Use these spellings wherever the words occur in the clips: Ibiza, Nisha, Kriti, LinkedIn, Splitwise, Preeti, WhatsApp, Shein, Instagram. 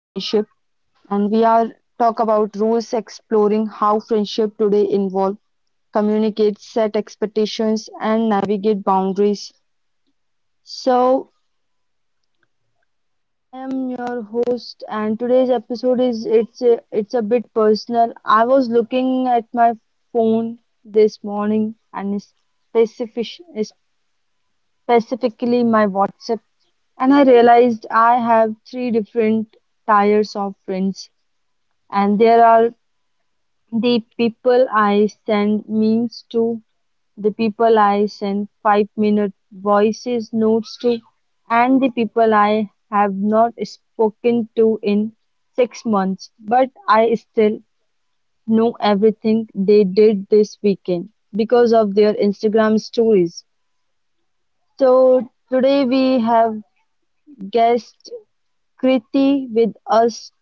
and we are talk about rules, exploring how friendship today involve, communicate, set expectations, and navigate boundaries. So, I am your host, and today's episode is it's a bit personal. I was looking at my phone this morning and specifically my WhatsApp, and I realized I have three different tiers of friends, and there are the people I send memes to, the people I sent 5 minute voices notes to, and the people I have not spoken to in 6 months. But I still know everything they did this weekend because of their Instagram stories. So today we have guest Kriti with us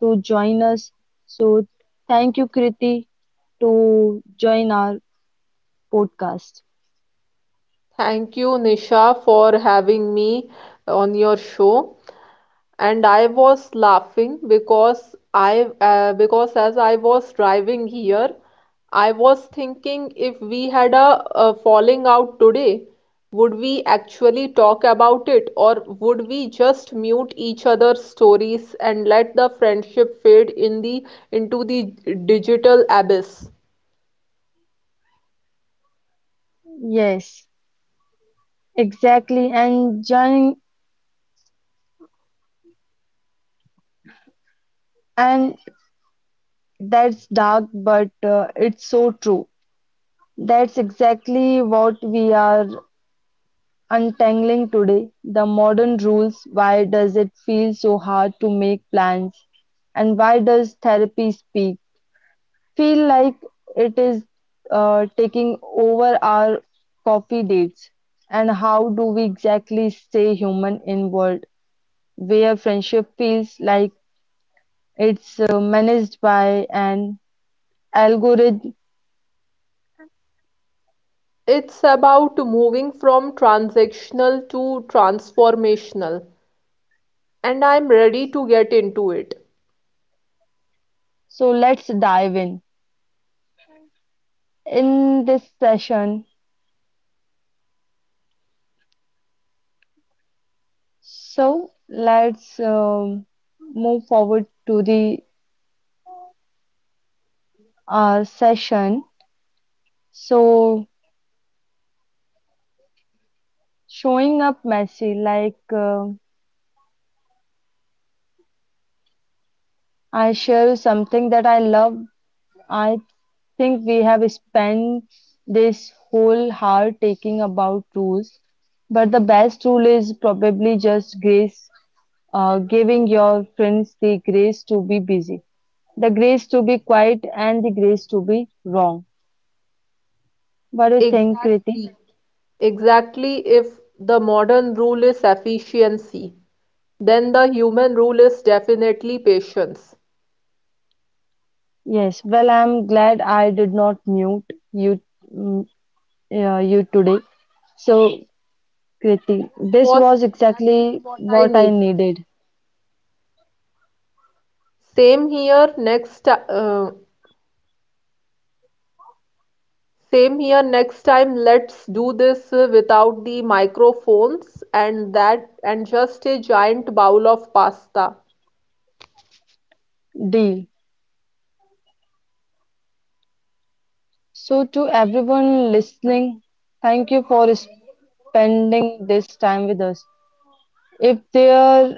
to join us. So thank you, Kriti, to join our podcast. Thank you, Nisha, for having me on your show. And I was laughing because as I was driving here, I was thinking if we had a falling out today, would we actually talk about it or would we just mute each other's stories and let the friendship fade in the into the digital abyss? Yes, exactly. And that's dark, but it's so true. That's exactly what we are untangling today. The modern rules. Why does it feel so hard to make plans? And why does therapy speak? Feel like it is taking over our coffee dates. And how do we exactly stay human in world where friendship feels like it's managed by an algorithm. It's about moving from transactional to transformational, and I'm ready to get into it. So let's dive in this session. So let's move forward to the session. So showing up messy, like I share something that I love. I think we have spent this whole hour taking about rules, but the best rule is probably just grace, giving your friends the grace to be busy. The grace to be quiet and the grace to be wrong. What do you think, Kriti? Exactly. Exactly, if the modern rule is efficiency, then the human rule is definitely patience. Yes, well, I'm glad I did not mute you, mm, you today. So, Kriti, this Was was exactly exactly what I what I needed. needed. Same here next ti- uh, Same here next time, let's do this without the microphones and that, and just a giant bowl of pasta. Deal. So, to everyone listening, thank you for spending this time with us. If there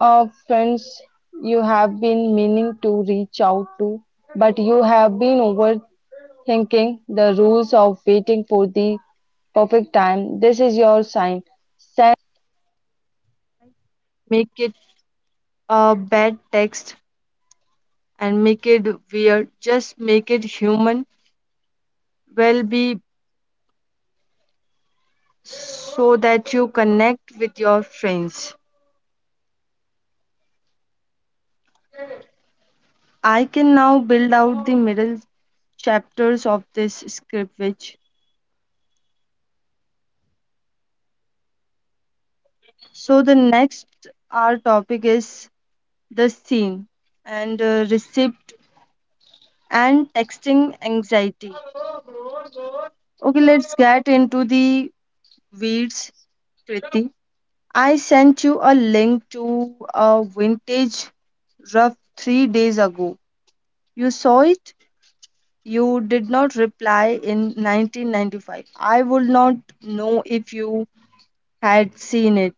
are friends you have been meaning to reach out to, but you have been overthinking thinking the rules of waiting for the perfect time. This is your sign. Send Make it a bad text and make it weird. Just make it human. Well, be so that you connect with your friends. I can now build out the middle chapters of this script which so the next our topic is the scene and receipt and texting anxiety. Okay, let's get into the weeds, Kriti. I sent you a link to a vintage rough 3 days ago. You saw it? You did not reply in 1995. I would not know if you had seen it.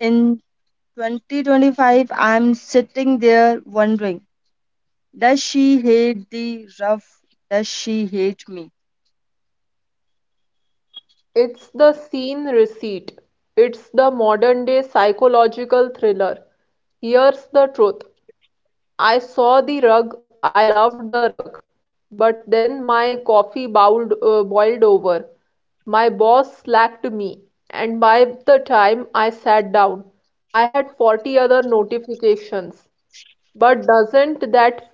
In 2025, I'm sitting there wondering does she hate the rough? Does she hate me? It's the scene receipt. It's the modern day psychological thriller. Here's the truth: I saw the rug, I loved the rug, but then my boiled over. My boss slacked me, and by the time I sat down, I had 40 other notifications. But doesn't that—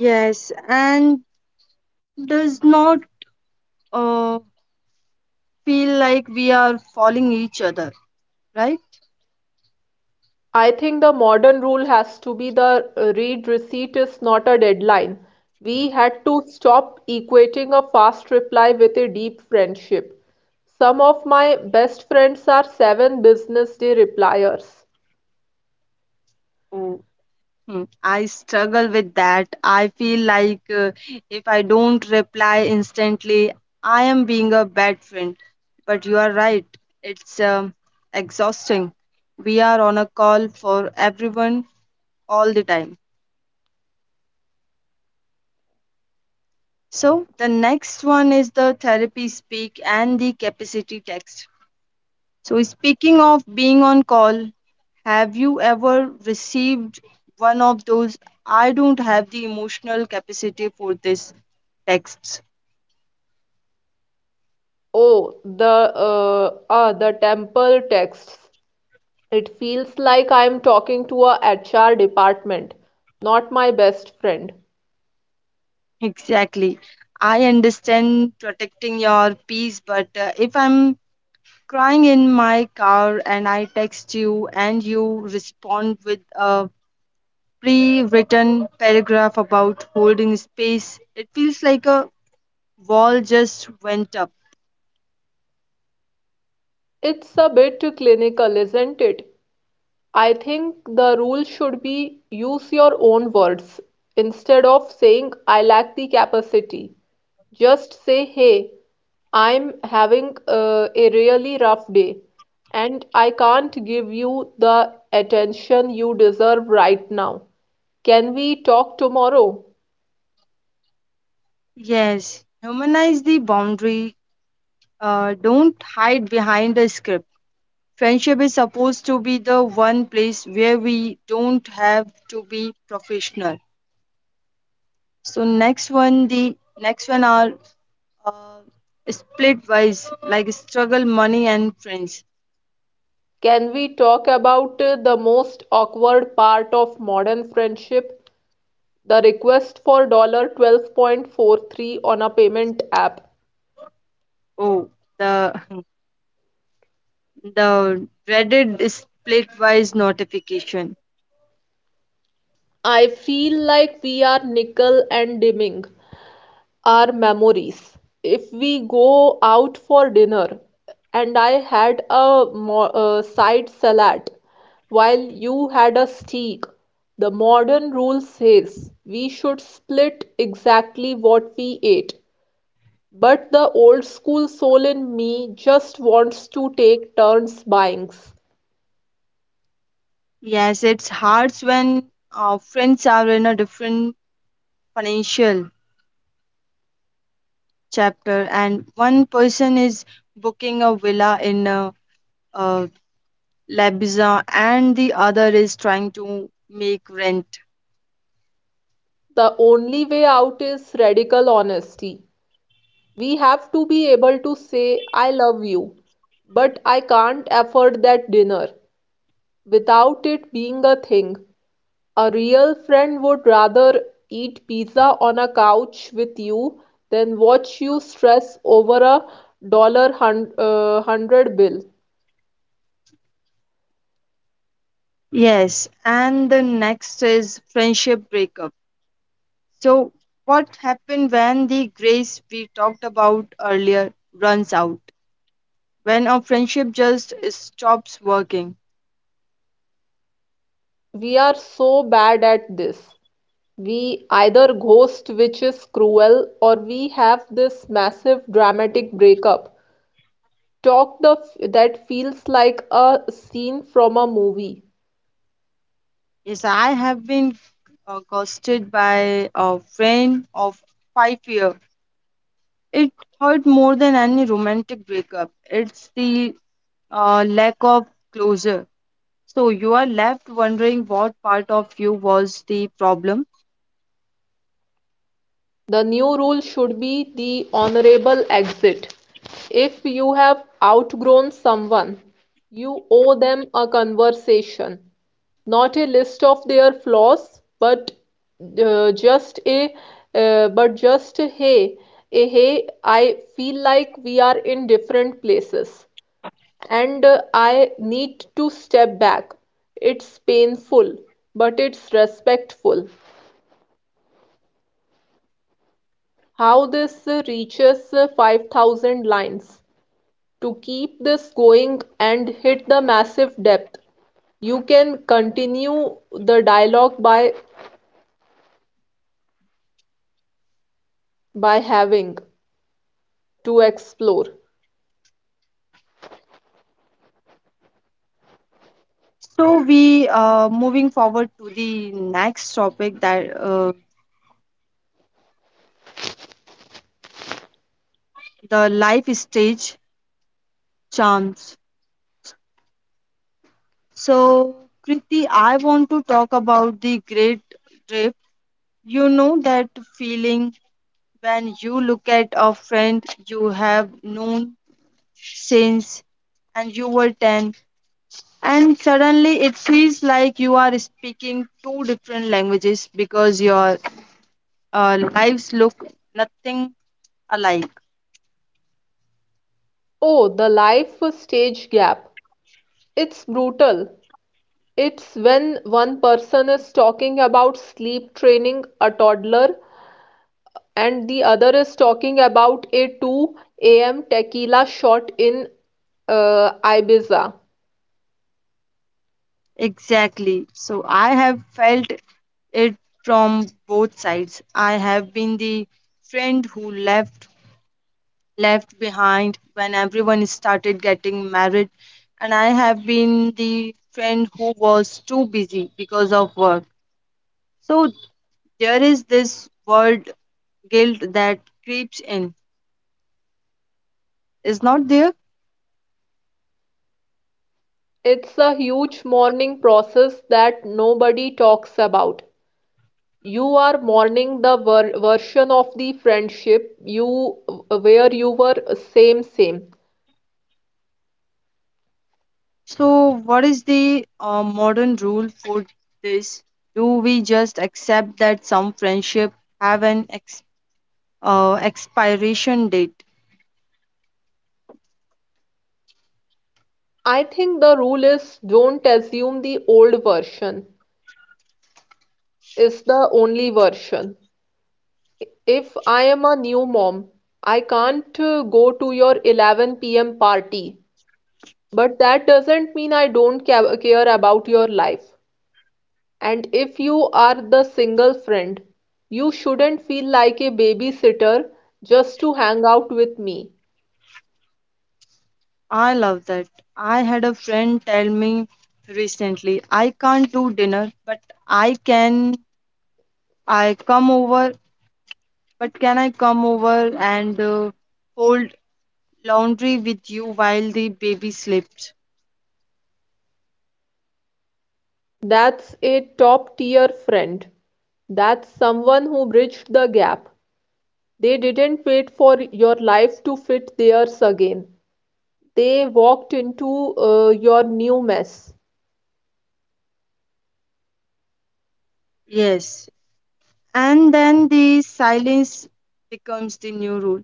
Yes, and does not. uh, Feel like we are falling each other, right? I think the modern rule has to be the read receipt is not a deadline. We had to stop equating a fast reply with a deep friendship. Some of my best friends are seven business day repliers. Oh, hmm, I struggle with that. I feel like if I don't reply instantly, I am being a bad friend. But you are right, it's exhausting. We are on a call for everyone all the time. So, the next one is the therapy speak and the capacity text. So, speaking of being on call, have you ever received one of those I don't have the emotional capacity for this texts? Oh, the temple texts. It feels like I'm talking to a HR department, not my best friend. Exactly. I understand protecting your peace, but if I'm crying in my car and I text you and you respond with a pre written paragraph about holding space, it feels like a wall just went up. It's a bit clinical, isn't it? I think the rule should be use your own words. Instead of saying, I lack the capacity, just say, hey, I'm having a really rough day and I can't give you the attention you deserve right now. Can we talk tomorrow? Yes, humanize the boundary. Don't hide behind a script. Friendship is supposed to be the one place where we don't have to be professional. So next one, the next one are uh, split wise, like struggle, money, and friends. Can we talk about the most awkward part of modern friendship? The request for $12.43 on a payment app. Oh, the the dreaded split wise notification. I feel like we are nickel and dimming our memories. If we go out for dinner and I had a side salad while you had a steak, the modern rule says we should split exactly what we ate. But the old school soul in me just wants to take turns buying. Yes, it's hard when friends are in a different financial chapter and one person is booking a villa in a uh, Labiza, and the other is trying to make rent. The only way out is radical honesty. We have to be able to say, I love you, but I can't afford that dinner without it being a thing. A real friend would rather eat pizza on a couch with you than watch you stress over a hundred bill. Yes, and the next is friendship breakup. So, what happened when the grace we talked about earlier runs out? When a friendship just stops working? We are so bad at this. We either ghost, which is cruel, or we have this massive dramatic breakup that feels like a scene from a movie. Yes, I have been ghosted by a friend of 5 years. It hurt more than any romantic breakup. It's the lack of closure. So you are left wondering what part of you was the problem. The new rule should be the honorable exit. If you have outgrown someone, you owe them a conversation, not a list of their flaws, but uh, just a just a hey, I feel like we are in different places, and I need to step back. It's painful, but it's respectful. How this reaches 5,000 lines. To keep this going and hit the massive depth, you can continue the dialogue by having to explore. So we moving forward to the next topic that the life stage charms. So Kriti, I want to talk about the great drift. You know that feeling when you look at a friend you have known since and you were 10 and suddenly it feels like you are speaking two different languages because your lives look nothing alike. Oh, the life stage gap. It's brutal. It's when one person is talking about sleep training a toddler and the other is talking about a 2 a.m. tequila shot in Ibiza. Exactly. So I have felt it from both sides. I have been the friend who left behind when everyone started getting married and I have been the friend who was too busy because of work. So there is this word guilt that creeps in. Is not there? It's a huge mourning process that nobody talks about. You are mourning the version of the friendship you where you were, same same. So, what is the modern rule for this? Do we just accept that some friendship have an expiration date? I think the rule is don't assume the old version is the only version. If I am a new mom, I can't go to your 11 p.m. party, but that doesn't mean I don't care about your life. And if you are the single friend, you shouldn't feel like a babysitter just to hang out with me. I love that. I had a friend tell me recently, I can't do dinner, but I can. I come over, but can I come over and fold laundry with you while the baby sleeps? That's a top tier friend. That's someone who bridged the gap. They didn't wait for your life to fit theirs again. They walked into your new mess. Yes. And then the silence becomes the new rule.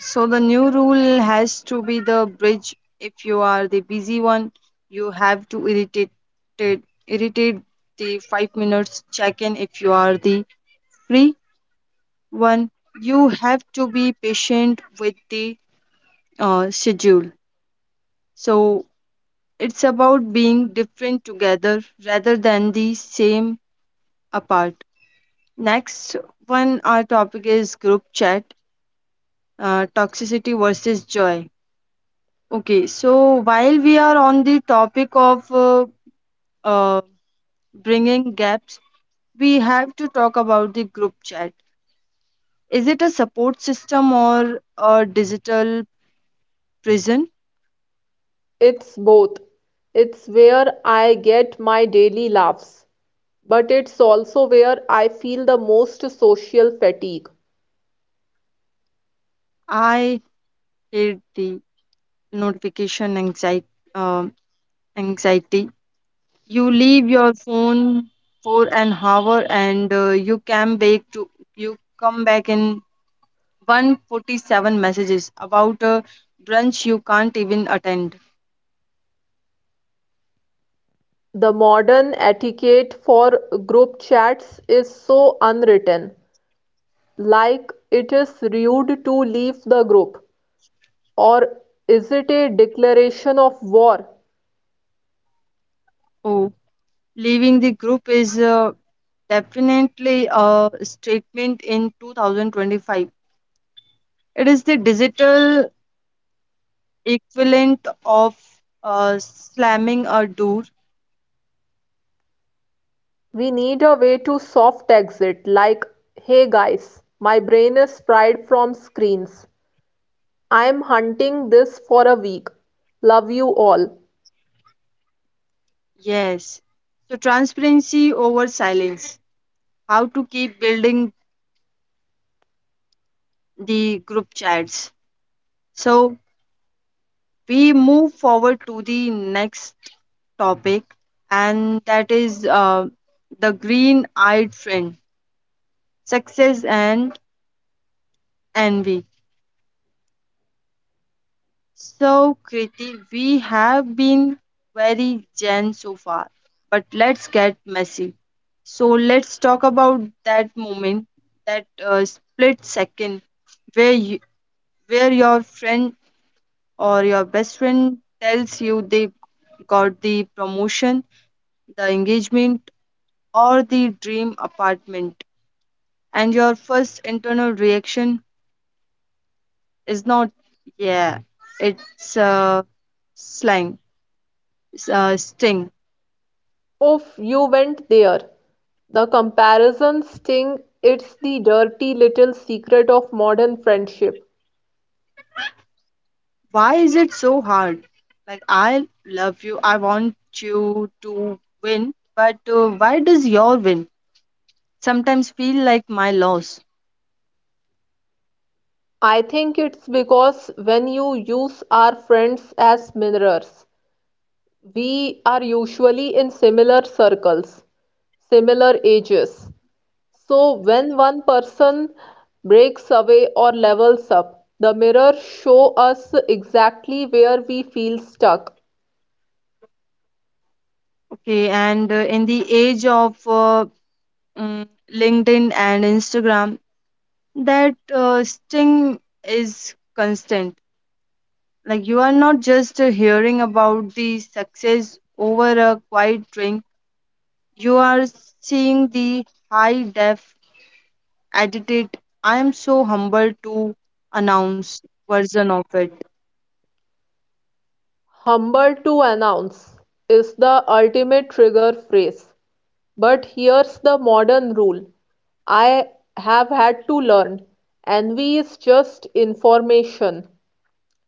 So the new rule has to be the bridge. If you are the busy one, you have to irritate the 5 minutes check in. If you are the free one, you have to be patient with the schedule. So it's about being different together rather than the same apart. Next one, our topic is group chat, toxicity versus joy. Okay, so while we are on the topic of uh, bringing gaps, we have to talk about the group chat. Is it a support system or a digital prison? It's both. It's where I get my daily laughs. But it's also where I feel the most social fatigue. I hate the notification anxiety. Um, anxiety. You leave your phone for an hour and uh, you come back in 147 messages about a brunch you can't even attend. The modern etiquette for group chats is so unwritten. Like, it is rude to leave the group. Or is it a declaration of war? Oh, leaving the group is definitely a statement in 2025. It is the digital equivalent of slamming a door. We need a way to soft exit, like, hey guys, my brain is fried from screens. I'm hunting this for a week. Love you all. Yes. So, transparency over silence. How to keep building the group chats. So, we move forward to the next topic, and that is the green eyed friend, success and envy. So, Kriti, we have been very gen so far, but let's get messy. So, let's talk about that moment, that split second where you, where your friend or your best friend tells you they got the promotion, the engagement, or the dream apartment, and your first internal reaction is not, yeah, it's slang, sting. Oof, you went there! The comparisons sting, it's the dirty little secret of modern friendship. Why is it so hard? Like, I love you, I want you to win, but why does your win sometimes feel like my loss? I think it's because when you use our friends as mirrors, we are usually in similar circles, similar ages. So when one person breaks away or levels up, the mirror show us exactly where we feel stuck. Okay, and in the age of mm, LinkedIn and Instagram, that sting is constant. Like, you are not just hearing about the success over a quiet drink, you are seeing the high def edited. I am so humbled to announce version of it. "Humble to announce" is the ultimate trigger phrase, but here's the modern rule I have had to learn: envy is just information,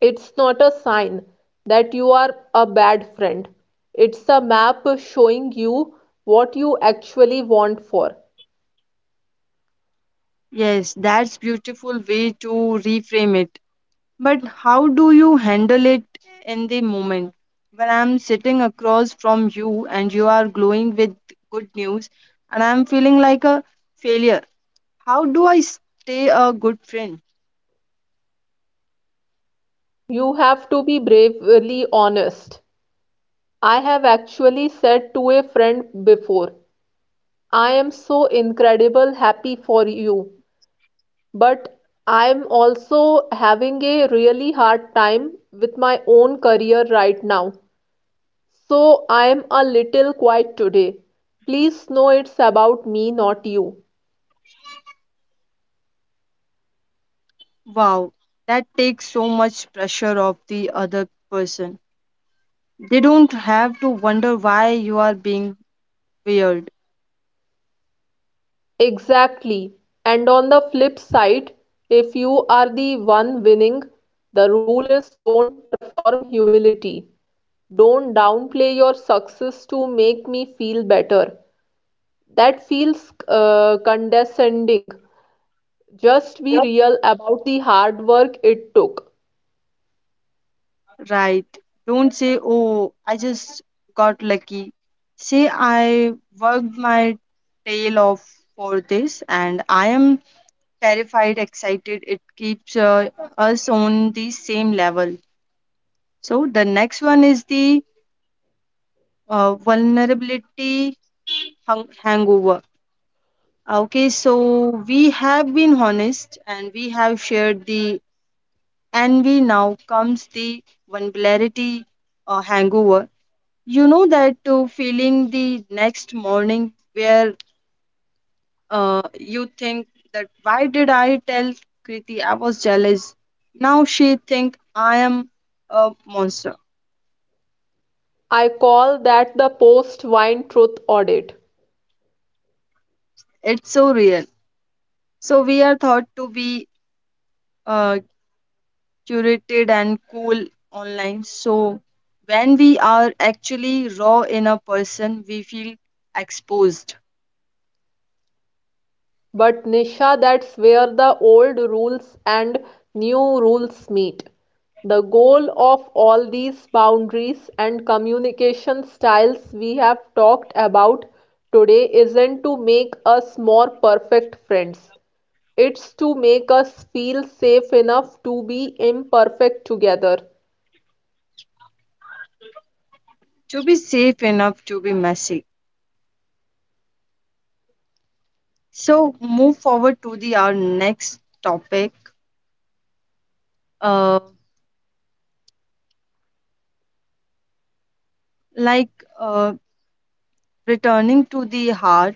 it's not a sign that you are a bad friend, it's a map showing you what you actually want for. Yes, that's beautiful way to reframe it. But how do you handle it in the moment? When I'm sitting across from you and you are glowing with good news and I'm feeling like a failure, how do I stay a good friend? You have to be bravely honest. I have actually said to a friend before, I am so incredible happy for you. But I'm also having a really hard time with my own career right now. So I'm a little quiet today. Please know it's about me, not you. Wow, that takes so much pressure off the other person. They don't have to wonder why you are being weird. Exactly. And on the flip side, if you are the one winning, the rule is don't perform humility. Don't downplay your success to make me feel better. That feels condescending. Just be real about the hard work it took. Right. Don't say, oh, I just got lucky. Say, I worked my tail off for this and I am terrified, excited. It keeps us on the same level. So, the next one is the vulnerability hangover. Okay, so we have been honest and we have shared the envy. Now comes the vulnerability hangover. You know that feeling the next morning where you think that why did I tell Kriti I was jealous? Now she think I am a monster. I call that the post wine truth audit. It's so real. So we are thought to be uh, curated and cool online. So when we are actually raw in a person, we feel exposed But Nisha, that's where the old rules and new rules meet. The goal of all these boundaries and communication styles we have talked about today isn't to make us more perfect friends. It's to make us feel safe enough to be imperfect together. to be safe enough to be messy. So move forward to the our next topic uh, like uh, returning to the heart.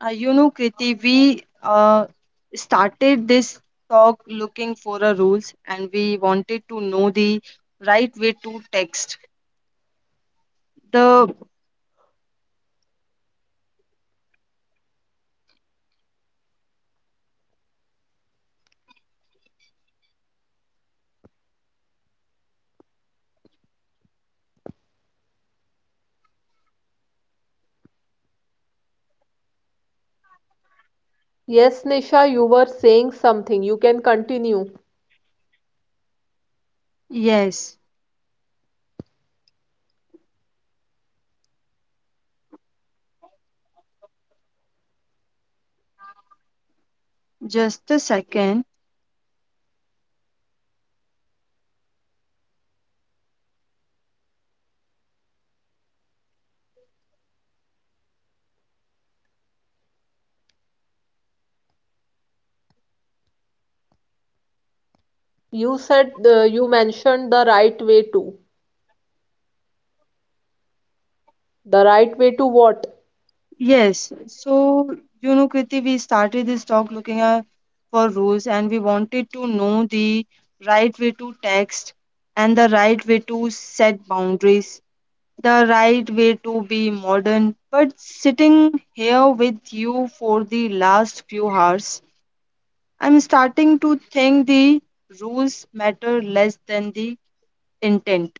You know, Kriti, we started this talk looking for a rules, and we wanted to know the right way to text. The Yes, Nisha, you were saying something. You can continue. yes, just a second. You said you mentioned the right way to. The right way to what? Yes, so you know, Kriti, we started this talk looking for rules, and we wanted to know the right way to text and the right way to set boundaries the right way to be modern. But sitting here with you for the last few hours, I'm starting to think the rules matter less than the intent,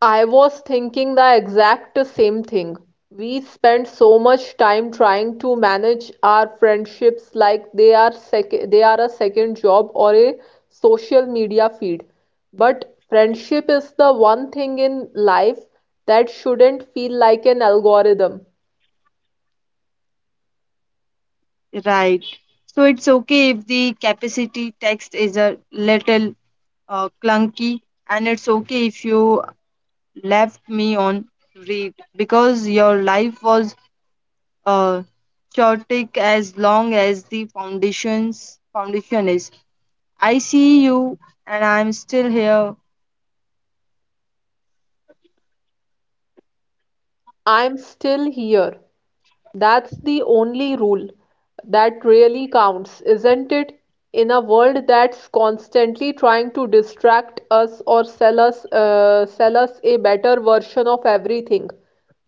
I was thinking the exact same thing. We spend so much time trying to manage our friendships like they are a second job or a social media feed. But friendship is the one thing in life that shouldn't feel like an algorithm. right? So it's okay if the capacity text is a little clunky, and it's okay if you left me on read because your life was uh, chaotic as long as the foundation is I see you and I'm still here. I'm still here. That's the only rule that really counts, isn't it? In a world that's constantly trying to distract us or sell us, sell us a better version of everything.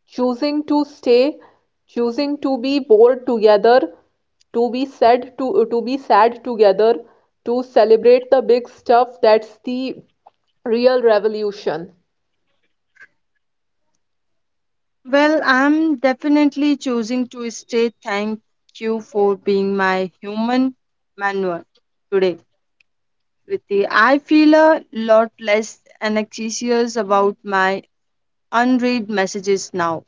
Choosing to stay, choosing to be bored together, to be sad together, to celebrate the big stuff, that's the real revolution. Well, I'm definitely choosing to stay. Thank you for being my human manual today. Kriti. I feel a lot less anxious about my unread messages now.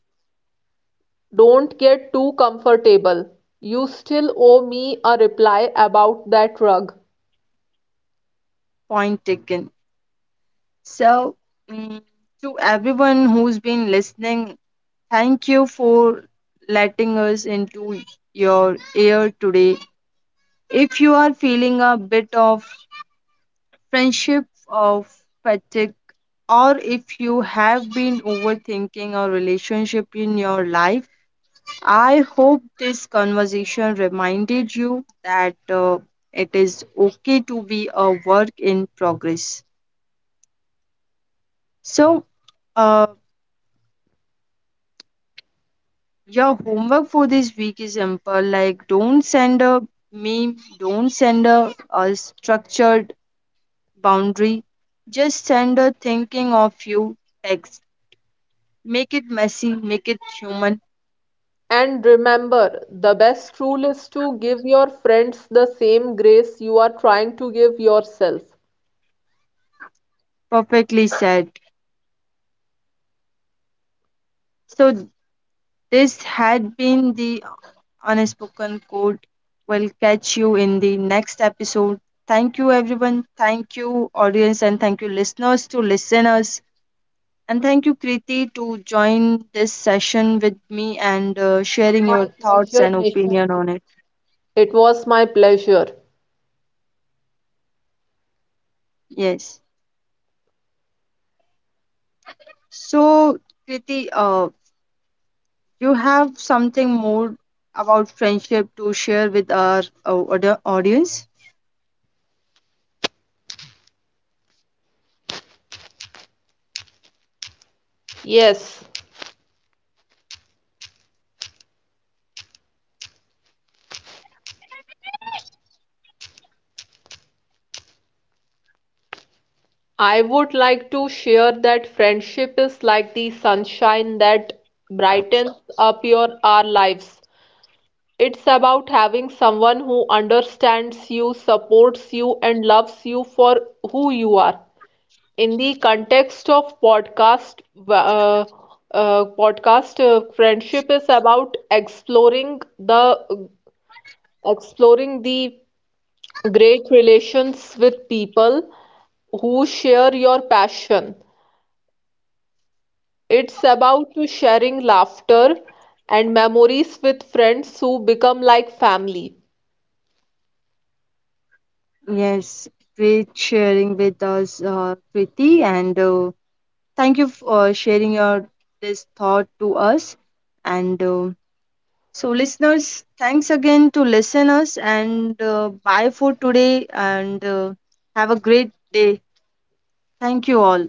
Don't get too comfortable. You still owe me a reply about that rug. Point taken. So, mm, to everyone who's been listening, thank you for letting us into your ear today. If you are feeling a bit of friendship of fatigue, or if you have been overthinking a relationship in your life, I hope this conversation reminded you that it is okay to be a work in progress. So, uh, your homework for this week is simple like, don't send a meme, don't send a structured boundary, just send a thinking of you text. Make it messy, make it human. And remember, the best rule is to give your friends the same grace you are trying to give yourself. Perfectly said. So, this had been the unspoken code. We'll catch you in the next episode. Thank you, everyone. Thank you, audience, and thank you, listeners, to listeners. And thank you, Kriti, to join this session with me and sharing your My thoughts pleasure, and Nisha. opinion on it. It was my pleasure. Yes. So, Kriti, you have something more about friendship to share with our audience? Yes, I would like to share that friendship is like the sunshine that brightens up your our lives. It's about having someone who understands you, supports you, and loves you for who you are. In the context of podcast, uh, podcast friendship is about exploring the great relations with people who share your passion. It's about to sharing laughter and memories with friends who become like family. Yes, great sharing with us, Preeti, and thank you for sharing your this thought to us. And so, listeners, thanks again to listeners, and bye for today, and have a great day. Thank you all.